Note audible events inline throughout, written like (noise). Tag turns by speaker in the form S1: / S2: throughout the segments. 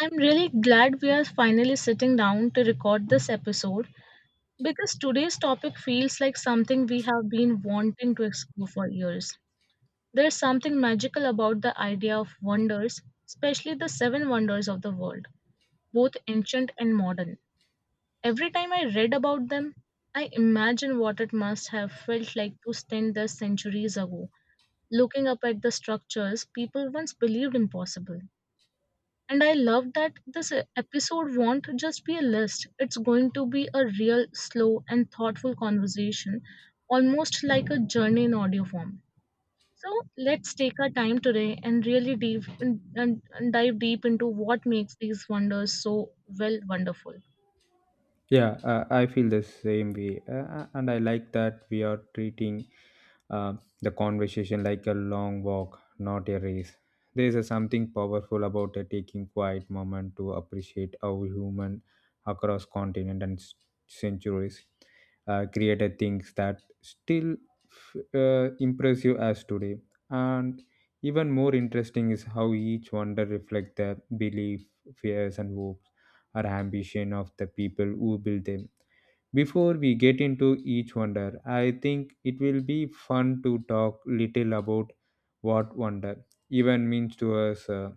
S1: I'm really glad we are finally sitting down to record this episode because today's topic feels like something we have been wanting to explore for years. There's something magical about the idea of wonders, especially the seven wonders of the world, both ancient and modern. Every time I read about them, I imagine what it must have felt like to stand there centuries ago, looking up at the structures people once believed impossible. And I love that this episode won't just be a list, it's going to be a real, slow, and thoughtful conversation, almost like a journey in audio form. So let's take our time today and really deep and dive deep into what makes these wonders so well wonderful.
S2: Yeah, I feel the same way. And I like that we are treating uh, the conversation like a long walk, not a race. There is a something powerful about a taking quiet moment to appreciate how human across continent and centuries created things that still impress you as today. And even more interesting is how each wonder reflect their belief, fears, and hopes or ambition of the people who built them. Before we get into each wonder, I think it will be fun to talk little about what wonder even means to us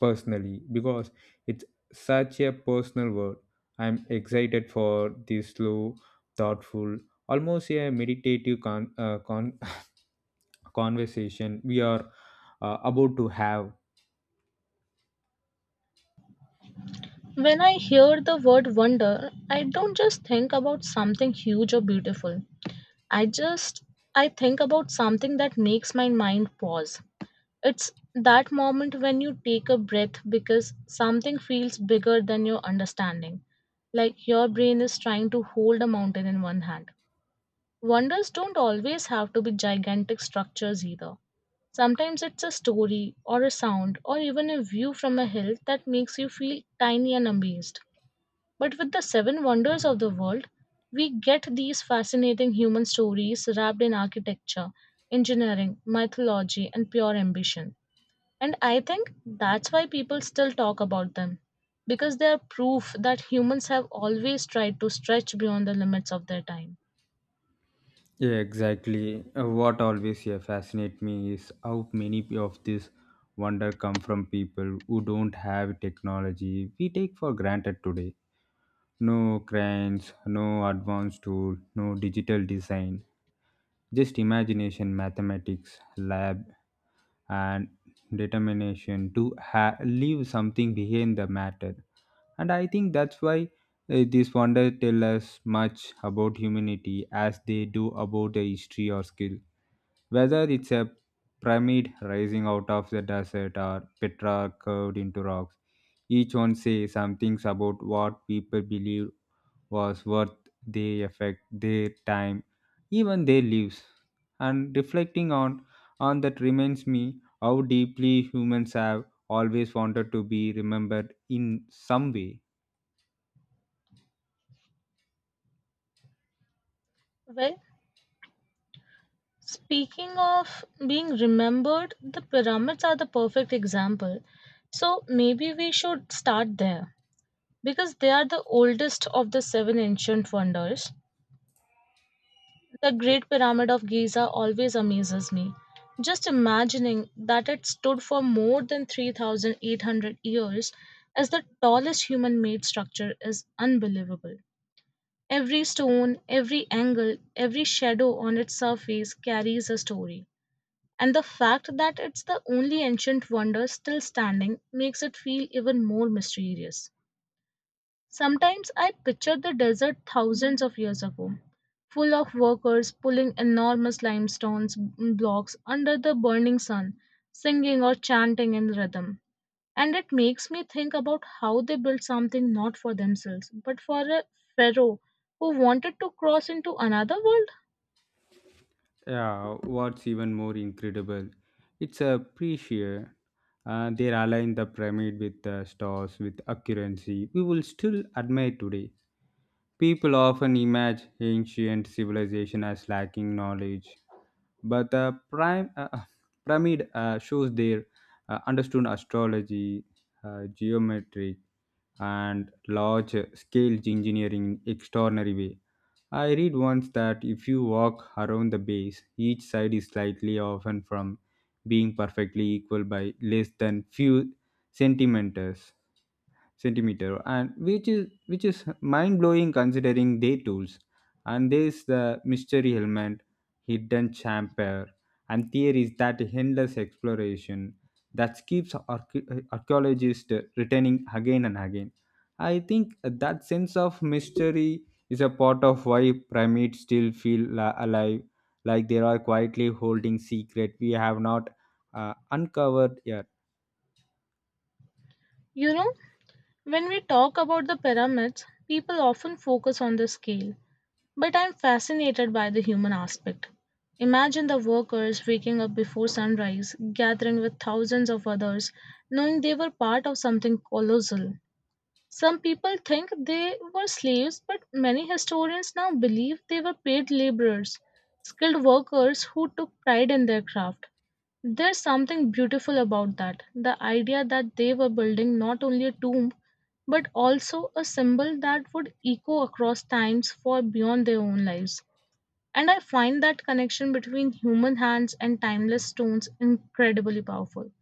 S2: personally because it's such a personal word. I'm excited for this slow, thoughtful, almost a meditative (laughs) conversation we are about to have.
S1: When I hear the word wonder, I don't just think about something huge or beautiful. I just I think about something that makes my mind pause. It's that moment when you take a breath because something feels bigger than your understanding, like your brain is trying to hold a mountain in one hand. Wonders don't always have to be gigantic structures either. Sometimes it's a story or a sound or even a view from a hill that makes you feel tiny and amazed. But with the seven wonders of the world, we get these fascinating human stories wrapped in architecture, engineering, mythology, and pure ambition. And I think that's why people still talk about them, because they are proof that humans have always tried to stretch beyond the limits of their time.
S2: Yeah, exactly. What always fascinates me is how many of this wonder come from people who don't have technology we take for granted today. No cranes, no advanced tool, no digital design, just imagination, mathematics, lab, and determination to leave something behind the matter. And I think that's why these wonders tell us much about humanity as they do about the history or skill. Whether it's a pyramid rising out of the desert or Petra carved into rocks, each one says some things about what people believed was worth their effect, their time, even their lives. And reflecting on that reminds me how deeply humans have always wanted to be remembered in some way.
S1: Well, speaking of being remembered, the pyramids are the perfect example. So maybe we should start there, because they are the oldest of the seven ancient wonders. The Great Pyramid of Giza always amazes me. Just imagining that it stood for more than 3,800 years as the tallest human made structure is unbelievable. Every stone, every angle, every shadow on its surface carries a story. And the fact that it's the only ancient wonder still standing makes it feel even more mysterious. Sometimes I picture the desert thousands of years ago, full of workers pulling enormous limestone blocks under the burning sun, singing or chanting in rhythm. And it makes me think about how they built something not for themselves, but for a pharaoh who wanted to cross into another world.
S2: Yeah, what's even more incredible, it's a pre-shear. They align the pyramid with the stars with accuracy we will still admire today. People often imagine ancient civilization as lacking knowledge, but the prime pyramid shows their understood astrology, geometry, and large scale engineering in extraordinary way. I read once that if you walk around the base each side is slightly often from being perfectly equal by less than few centimeters centimeter, and which is mind blowing considering their tools. And there's the mystery helmet, hidden chamber, and theories that endless exploration that keeps archaeologists returning again and again. I think that sense of mystery is a part of why pyramids still feel alive, like they are quietly holding secret we have not uncovered yet.
S1: You know, when we talk about the pyramids, people often focus on the scale. But I'm fascinated by the human aspect. Imagine the workers waking up before sunrise, gathering with thousands of others, knowing they were part of something colossal. Some people think they were slaves, but many historians now believe they were paid laborers, skilled workers who took pride in their craft. There's something beautiful about that, the idea that they were building not only a tomb, but also a symbol that would echo across times for beyond their own lives. And I find that connection between human hands and timeless stones incredibly powerful.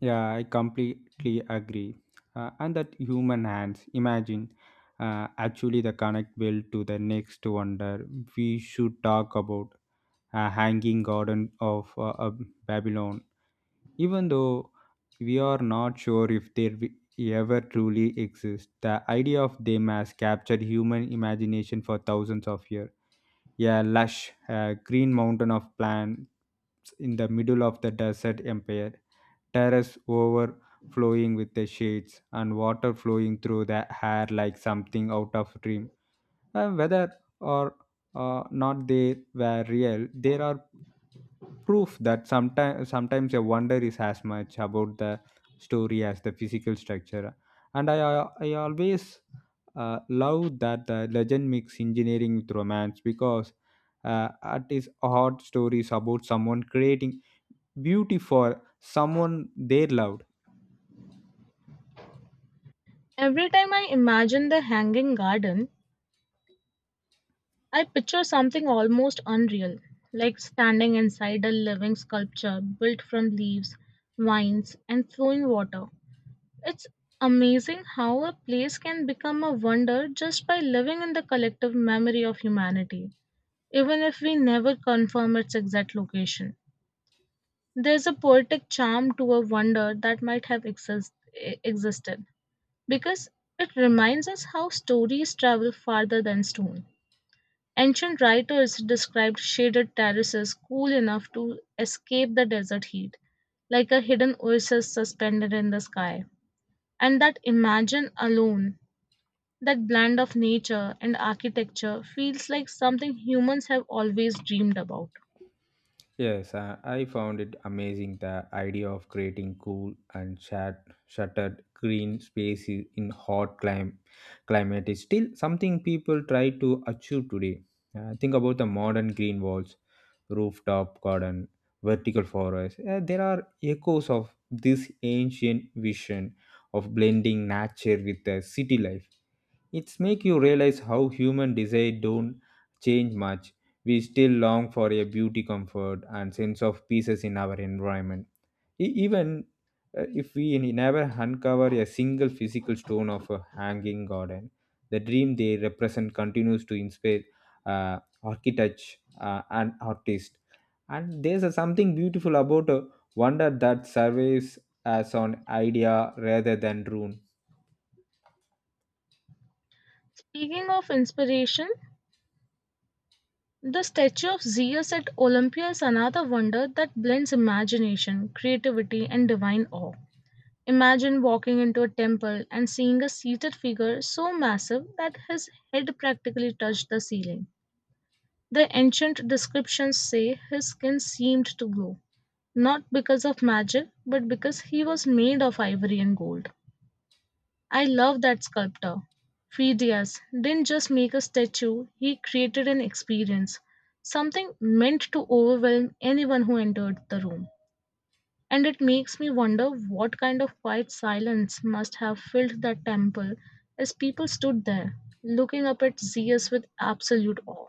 S2: Yeah, I completely agree. And that human hands, imagine actually the connect will to the next wonder. We should talk about a hanging garden of Babylon, even though we are not sure if they ever truly exist. The idea of them has captured human imagination for thousands of years, a lush green mountain of plants in the middle of the desert empire, terrace overflowing with the shades and water flowing through the hair like something out of dream. And whether or not they were real, there are proof that sometimes a wonder is as much about the story as the physical structure. And I always love that the legend mix engineering with romance because at its heart stories about someone creating beauty for someone they loved.
S1: Every time I imagine the hanging garden, I picture something almost unreal, like standing inside a living sculpture built from leaves, vines, and flowing water. It's amazing how a place can become a wonder just by living in the collective memory of humanity, even if we never confirm its exact location. There's a poetic charm to a wonder that might have existed, because it reminds us how stories travel farther than stone. Ancient writers described shaded terraces cool enough to escape the desert heat, like a hidden oasis suspended in the sky. And that imagine alone, that blend of nature and architecture, feels like something humans have always dreamed about.
S2: Yes, I found it amazing the idea of creating cool and shuttered green spaces in hot climate is still something people try to achieve today. Think about the modern green walls, rooftop garden, vertical forest. There are echoes of this ancient vision of blending nature with the city life. It's make you realize how human desire don't change much. We still long for a beauty, comfort, and sense of pieces in our environment. Even if we never uncover a single physical stone of a hanging garden, the dream they represent continues to inspire architects and artists. And there's a something beautiful about a wonder that surveys as an idea rather than rune.
S1: Speaking of inspiration, the Statue of Zeus at Olympia is another wonder that blends imagination, creativity, and divine awe. Imagine walking into a temple and seeing a seated figure so massive that his head practically touched the ceiling. The ancient descriptions say his skin seemed to glow, not because of magic, but because he was made of ivory and gold. I love that sculptor Phidias didn't just make a statue, he created an experience, something meant to overwhelm anyone who entered the room. And it makes me wonder what kind of quiet silence must have filled that temple as people stood there, looking up at Zeus with absolute awe.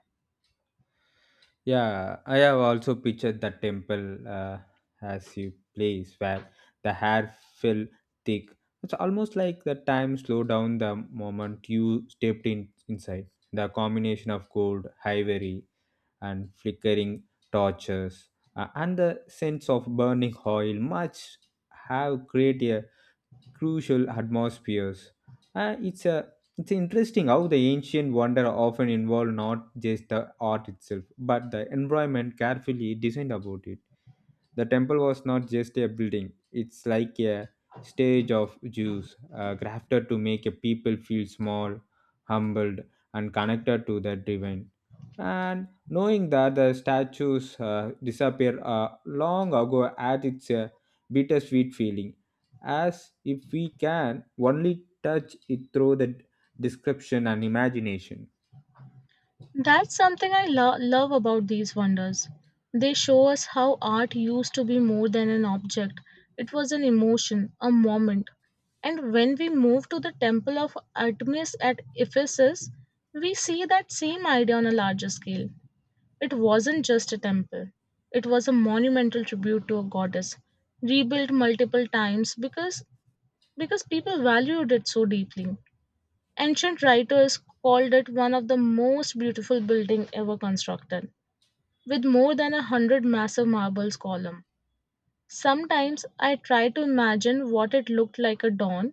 S2: Yeah, I have also pictured the temple as you place where the hair fell thick. It's almost like the time slowed down the moment you stepped in inside. The combination of gold, ivory, and flickering torches, and the sense of burning oil, much have created crucial atmospheres. Uh, it's a it's interesting how the ancient wonder often involved not just the art itself, but the environment carefully designed about it. The temple was not just a building, it's like a stage of Jews, crafted to make a people feel small, humbled, and connected to the divine. And knowing that the statues disappeared long ago at its bittersweet feeling, as if we can only touch it through the description and imagination.
S1: That's something I love about these wonders. They show us how art used to be more than an object, it was an emotion, a moment. And when we move to the Temple of Artemis at Ephesus, we see that same idea on a larger scale. It wasn't just a temple, it was a monumental tribute to a goddess, rebuilt multiple times because people valued it so deeply. Ancient writers called it one of the most beautiful buildings ever constructed, with more than 100 massive marble columns. Sometimes I try to imagine what it looked like at dawn,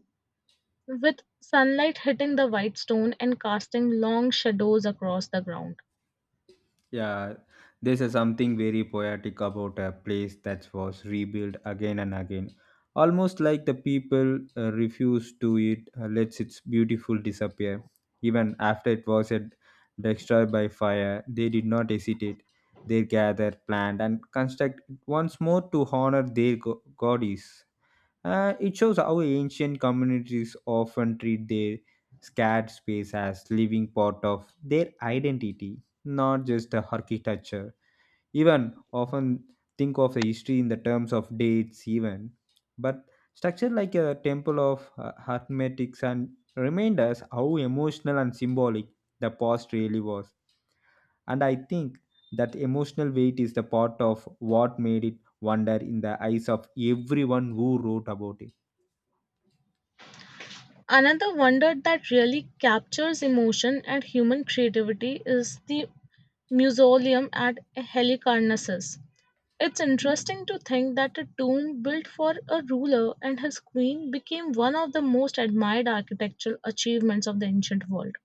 S1: with sunlight hitting the white stone and casting long shadows across the ground.
S2: Yeah, there's a something very poetic about a place that was rebuilt again and again. Almost like the people refuse to it, lets its beautiful disappear. Even after it was destroyed by fire, they did not hesitate. They gathered, planned, and construct once more to honor their goddess. It shows how ancient communities often treat their scared space as living part of their identity, not just the architecture. Even often think of the history in the terms of dates, even, but structure like a temple of hermetics and remind us how emotional and symbolic the past really was. And I think that emotional weight is the part of what made it wonder in the eyes of everyone who wrote about it.
S1: Another wonder that really captures emotion and human creativity is the Mausoleum at Halicarnassus. It's interesting to think that a tomb built for a ruler and his queen became one of the most admired architectural achievements of the ancient world.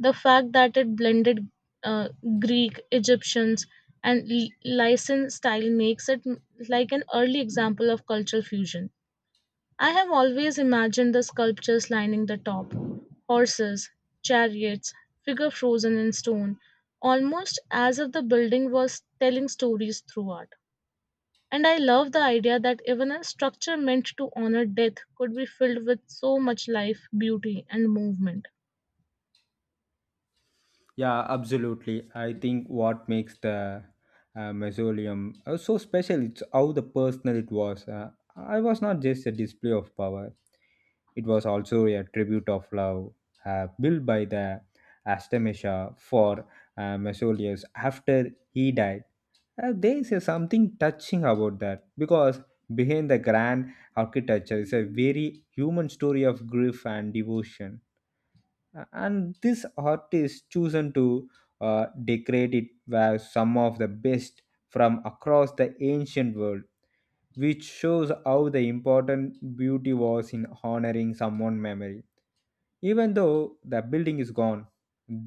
S1: The fact that it blended uh, Greek, Egyptians, and Lycian style makes it like an early example of cultural fusion. I have always imagined the sculptures lining the top, horses, chariots, figure frozen in stone, almost as if the building was telling stories through art. And I love the idea that even a structure meant to honor death could be filled with so much life, beauty, and movement.
S2: Yeah, absolutely. I think what makes the mausoleum so special it's how the personal it was. I was not just a display of power; it was also a tribute of love built by the Astamesha for Mausoleus after he died. There is a something touching about that because behind the grand architecture is a very human story of grief and devotion, and this artist chosen to decorate it were some of the best from across the ancient world, which shows how the important beauty was in honoring someone's memory. Even though the building is gone,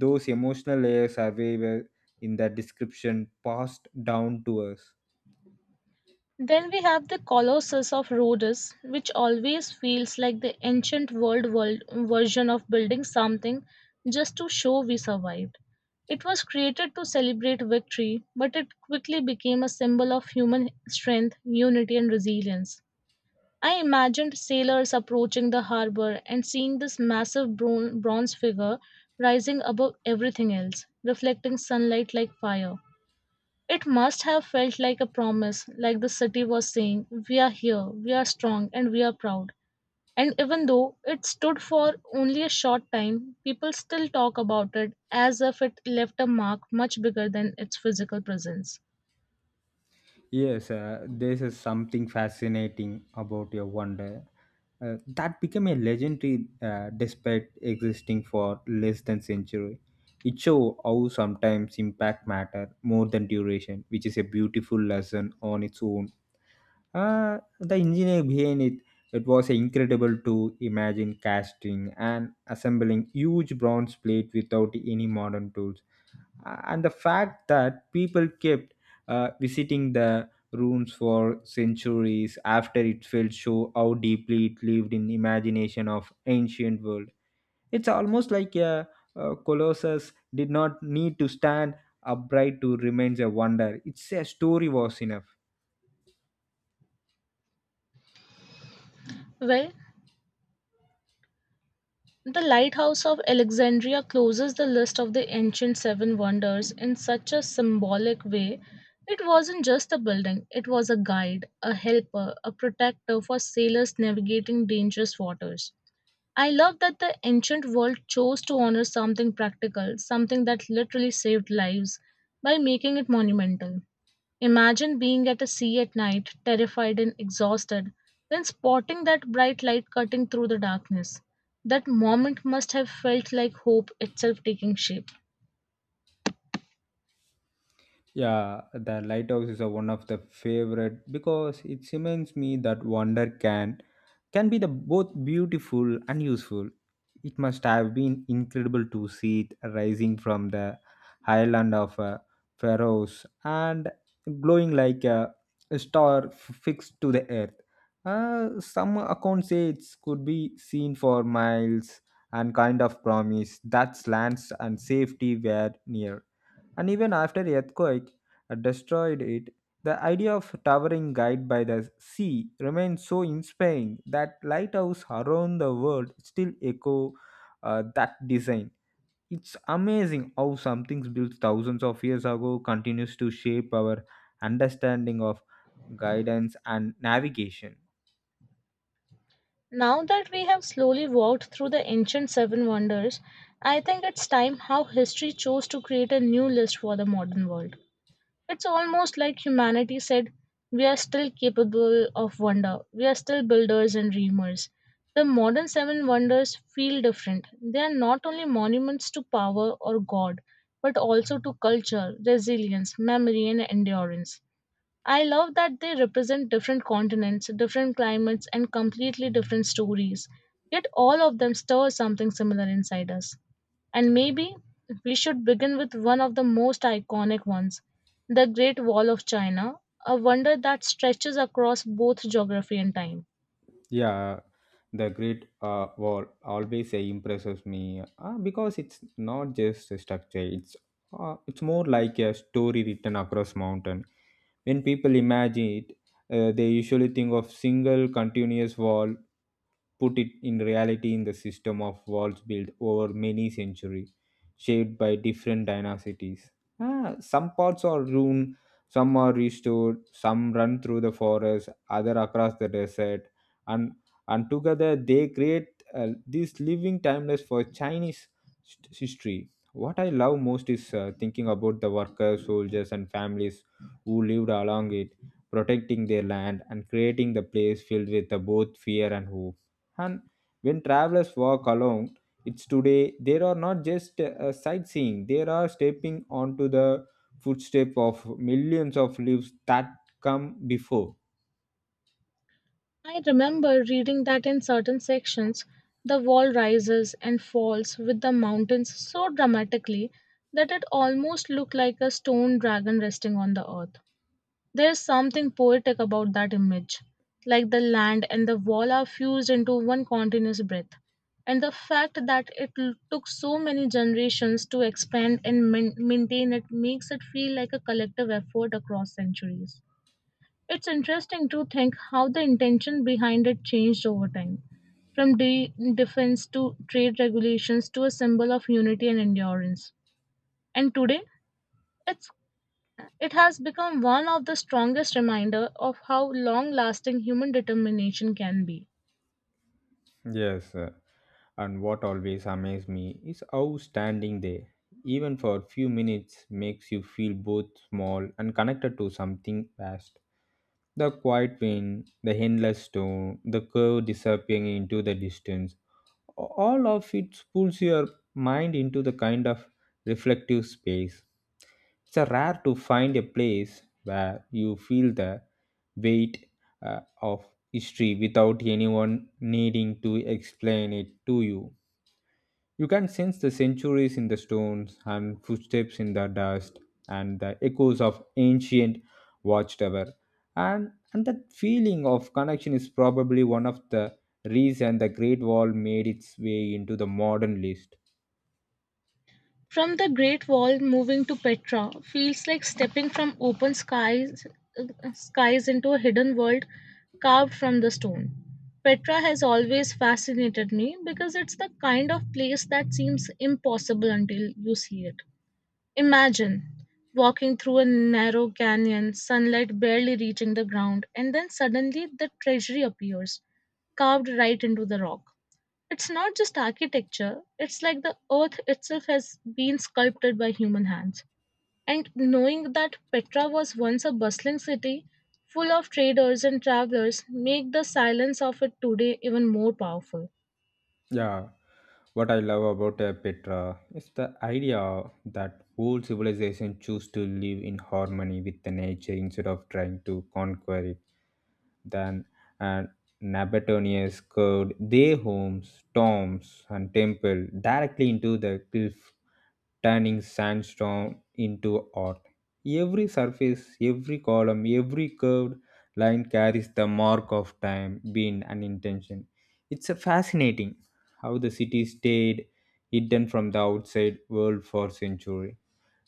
S2: those emotional layers are very well in the description passed down to us.
S1: Then we have the Colossus of Rhodes, which always feels like the ancient world version of building something just to show we survived. It was created to celebrate victory, but it quickly became a symbol of human strength, unity, and resilience. I imagined sailors approaching the harbor and seeing this massive bronze figure rising above everything else, reflecting sunlight like fire. It must have felt like a promise, like the city was saying, "We are here, we are strong, and we are proud." And even though it stood for only a short time, people still talk about it as if it left a mark much bigger than its physical presence.
S2: Yes, this is something fascinating about your wonder that became a legendary despite existing for less than century. It shows how sometimes impact matter more than duration, which is a beautiful lesson on its own. The engineer behind it, it was incredible to imagine casting and assembling huge bronze plate without any modern tools. And the fact that people kept visiting the ruins for centuries after it fell show how deeply it lived in imagination of ancient world. It's almost like a colossus did not need to stand upright to remain a wonder. It's a story was enough.
S1: Well, the Lighthouse of Alexandria closes the list of the ancient seven wonders in such a symbolic way. It wasn't just a building, it was a guide, a helper, a protector for sailors navigating dangerous waters. I love that the ancient world chose to honor something practical, something that literally saved lives, by making it monumental. Imagine being at a sea at night, terrified and exhausted, then spotting that bright light cutting through the darkness. That moment must have felt like hope itself taking shape.
S2: Yeah, the lighthouse is a one of the favorite because it reminds me that wonder can be the both beautiful and useful. It must have been incredible to see it rising from the highland of Pharaohs and glowing like a star fixed to the earth. Some accounts say it could be seen for miles and kind of promise that lands and safety were near. And even after earthquake destroyed it, the idea of towering guide by the sea remains so inspiring that lighthouse around the world still echo that design. It's amazing how something built thousands of years ago continues to shape our understanding of guidance and navigation.
S1: Now that we have slowly walked through the ancient seven wonders, I think it's time how history chose to create a new list for the modern world. It's almost like humanity said, "We are still capable of wonder. We are still builders and dreamers." The modern seven wonders feel different. They are not only monuments to power or God, but also to culture, resilience, memory, and endurance. I love that they represent different continents, different climates, and completely different stories. Yet all of them stir something similar inside us. And maybe we should begin with one of the most iconic ones, the Great Wall of China, a wonder that stretches across both geography and time.
S2: Yeah, the Great Wall always impresses me because it's not just a structure. It's more like a story written across mountain. When people imagine it, they usually think of single continuous wall, put it in reality in the system of walls built over many centuries, shaped by different dynasties. Ah, some parts are ruined, some are restored, some run through the forest, other across the desert, and together they create this living timeless for Chinese history. What I love most is thinking about the workers, soldiers, and families who lived along it, protecting their land and creating the place filled with both fear and hope. And when travelers walk along it's today, there are not just sightseeing, they are stepping onto the footstep of millions of lives that come before.
S1: I remember reading that in certain sections, the wall rises and falls with the mountains so dramatically that it almost looked like a stone dragon resting on the earth. There's something poetic about that image, like the land and the wall are fused into one continuous breath. And the fact that it took so many generations to expand and maintain it makes it feel like a collective effort across centuries. It's interesting to think how the intention behind it changed over time, from defense to trade regulations to a symbol of unity and endurance. And today, it's it has become one of the strongest reminders of how long lasting human determination can be.
S2: Yes, and what always amazes me is how standing there, even for a few minutes, makes you feel both small and connected to something vast. The quiet wind, the endless storm, the curve disappearing into the distance, all of it pulls your mind into the kind of reflective space. It's a rare to find a place where you feel the weight of history without anyone needing to explain it to you. You can sense the centuries in the stones and footsteps in the dust and the echoes of ancient watchtower. And that feeling of connection is probably one of the reason the Great Wall made its way into the modern list.
S1: From the Great Wall moving to Petra feels like stepping from open skies into a hidden world carved from the stone. Petra has always fascinated me because it's the kind of place that seems impossible until you see it. Imagine walking through a narrow canyon, sunlight barely reaching the ground, and then suddenly the treasury appears, carved right into the rock. It's not just architecture, it's like the earth itself has been sculpted by human hands. And knowing that Petra was once a bustling city full of traders and travelers make the silence of it today even more powerful.
S2: Yeah, what I love about Petra is the idea that whole civilization choose to live in harmony with the nature instead of trying to conquer it than and Nabataeans curved their homes, tombs, and temple directly into the cliff, turning sandstone into art. Every surface, every column, every curved line carries the mark of time, being an intention. It's a fascinating how the city stayed hidden from the outside world for centuries.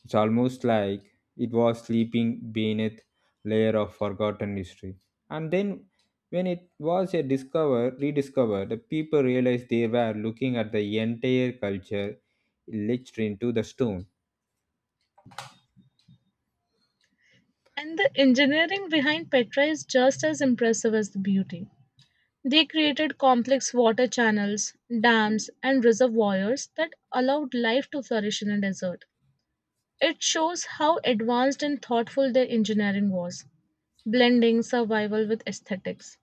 S2: It's almost like it was sleeping beneath layer of forgotten history, and then when it was a discover rediscovered the people realized they were looking at the entire culture etched into the stone.
S1: And the engineering behind Petra is just as impressive as the beauty. They created complex water channels, dams, and reservoirs that allowed life to flourish in a desert. It shows how advanced and thoughtful their engineering was, blending survival with aesthetics.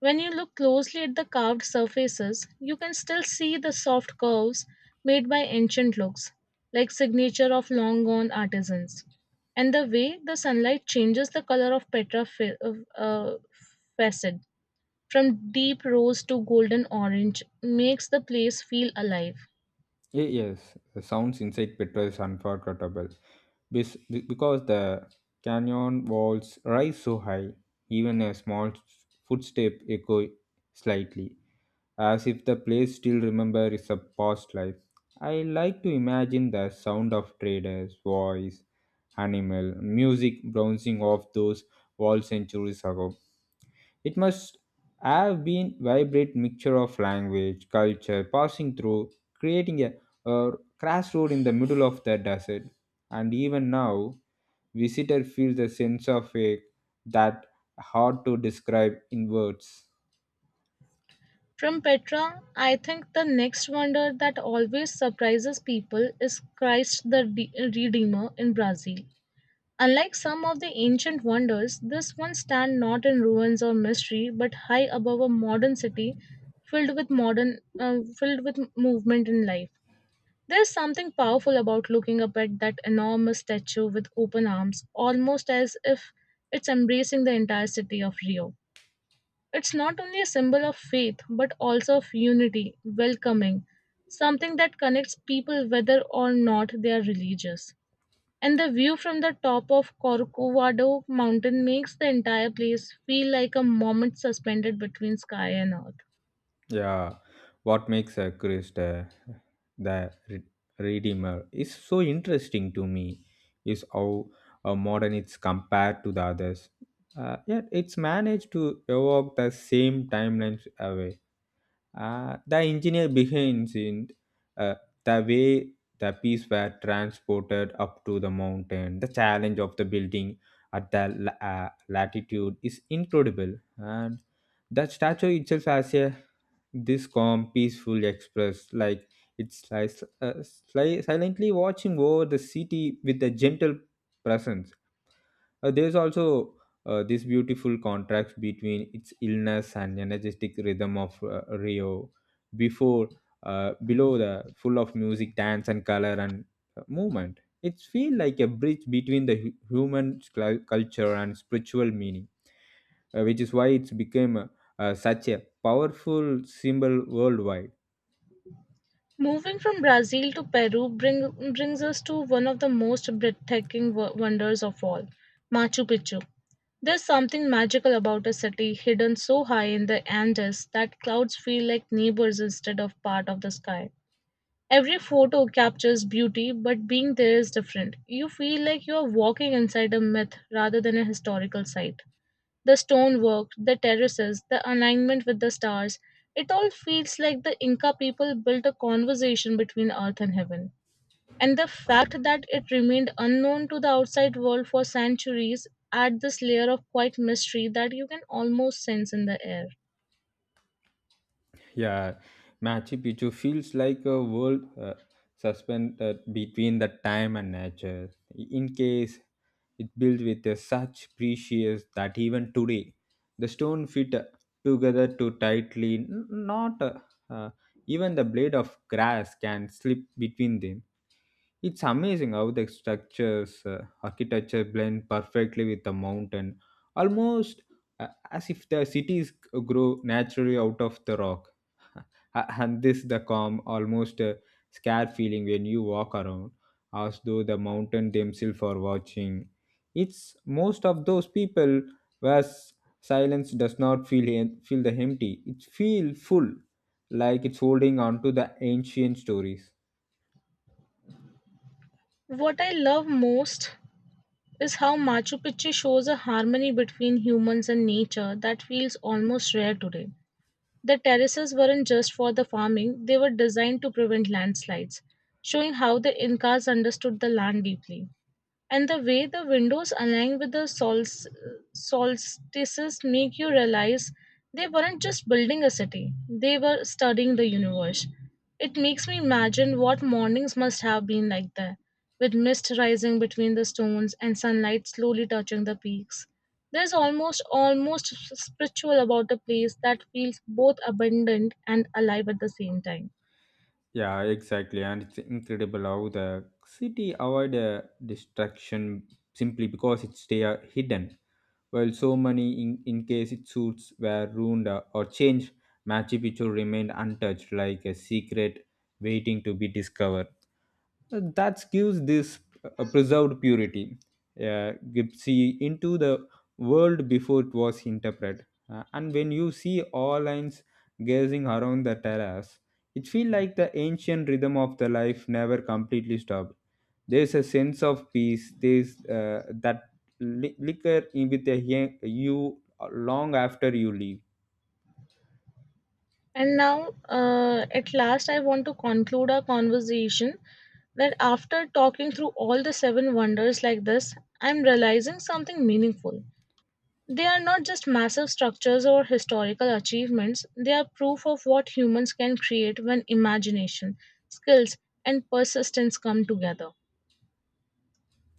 S1: When you look closely at the carved surfaces, you can still see the soft curves made by ancient looks, like signature of long gone artisans. And the way the sunlight changes the color of Petra facet from deep rose to golden orange makes the place feel alive.
S2: Yes, the sounds inside Petra is unforgettable. Because the canyon walls rise so high, even a footstep echo slightly, as if the place still remember is a past life. I like to imagine the sound of traders, voice, animal, music bouncing off those walls centuries ago. It must have been vibrant mixture of language, culture passing through, creating a uh, crash road in the middle of the desert. And even now, visitor feels a sense of ache that hard to describe in words.
S1: From Petra, I think the next wonder that always surprises people is Christ the Redeemer in Brazil. Unlike some of the ancient wonders, this one stands not in ruins or mystery, but high above a modern city filled with filled with movement in life. There's something powerful about looking up at that enormous statue with open arms, almost as if it's embracing the entire city of Rio. It's not only a symbol of faith, but also of unity, welcoming, something that connects people whether or not they are religious. And the view from the top of Corcovado mountain makes the entire place feel like a moment suspended between sky and earth.
S2: Yeah, what makes a Christ the re- Redeemer is so interesting to me is how modern it's compared to the others. Yet it's managed to evoke the same timelines away. The engineer behind it, uh, the way the pieces were transported up to the mountain, the challenge of the building at the latitude is incredible. And that statue itself has a this calm, peaceful express, like silently watching over the city with a gentle presence. There's also this beautiful contrast between its illness and energetic rhythm of Rio, before, below the full of music, dance, and color and movement. It feels like a bridge between the human culture and spiritual meaning, which is why it's become such a powerful symbol worldwide.
S1: Moving from Brazil to Peru brings us to one of the most breathtaking wonders of all, Machu Picchu. There's something magical about a city hidden so high in the Andes that clouds feel like neighbors instead of part of the sky. Every photo captures beauty, but being there is different. You feel like you are walking inside a myth rather than a historical site. The stonework, the terraces, the alignment with the stars, it all feels like the Inca people built a conversation between earth and heaven. And the fact that it remained unknown to the outside world for centuries adds this layer of quiet mystery that you can almost sense in the air.
S2: Yeah, Machu Picchu feels like a world suspended between the time and nature. In case it built with a such precious that even today the stone fit together too tightly, not uh, even the blade of grass can slip between them. It's amazing how the structures, architecture blend perfectly with the mountain, almost as if the cities grow naturally out of the rock. (laughs) and this the calm, almost scared feeling when you walk around, as though the mountain themselves are watching. It's most of those people where silence does not feel the empty. It feel full, like it's holding on to the ancient stories.
S1: What I love most is how Machu Picchu shows a harmony between humans and nature that feels almost rare today. The terraces weren't just for the farming, they were designed to prevent landslides, showing how the Incas understood the land deeply. And the way the windows align with the solstices make you realize they weren't just building a city, they were studying the universe. It makes me imagine what mornings must have been like there, with mist rising between the stones and sunlight slowly touching the peaks. There's almost spiritual about a place that feels both abundant and alive at the same time.
S2: Yeah, exactly, and it's incredible how the city avoid destruction simply because it stay hidden. While so many, in case its suits were ruined or changed, Machu Picchu remained untouched, like a secret waiting to be discovered. That gives this preserved purity, Gipsy into the world before it was interpreted. And when you see all lines gazing around the terrace, it feels like the ancient rhythm of the life never completely stopped. There's a sense of peace. There's that li- liquor in with the, he- you long after you leave.
S1: And now, at last, I want to conclude our conversation that after talking through all the seven wonders like this, I'm realizing something meaningful. They are not just massive structures or historical achievements, they are proof of what humans can create when imagination, skills, and persistence come together.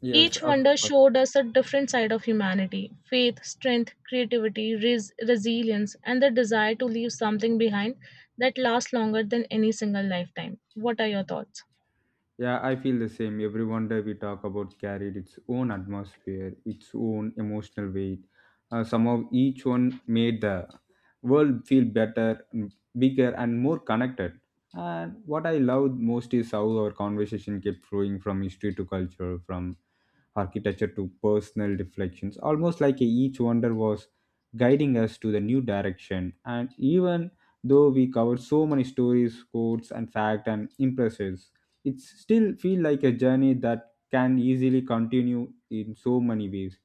S2: Yes,
S1: Each
S2: of
S1: wonder
S2: course.
S1: showed us a different side of humanity faith, strength, creativity, resilience, and the desire to leave something behind that lasts longer than any single lifetime. What are your thoughts?
S2: Yeah, I feel the same. Every wonder we talk about carried its own atmosphere, its own emotional weight. Somehow each one made the world feel better, bigger, and more connected. And what I love most is how our conversation kept flowing from history to culture, from architecture to personal reflections, almost like each wonder was guiding us to the new direction. And even though we covered so many stories, quotes, and fact and impressions, it still feel like a journey that can easily continue in so many ways.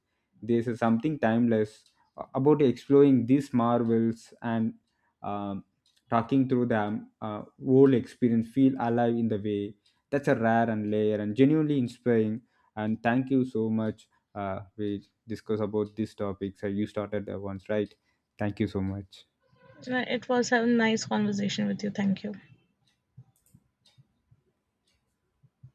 S2: There's a something timeless about exploring these marvels and um, talking through them, whole experience feel alive in the way that's a rare and layer and genuinely inspiring. And thank you so much, we discuss about these topics, you started the ones right. Thank you so much.
S1: It was a nice conversation with you. Thank you.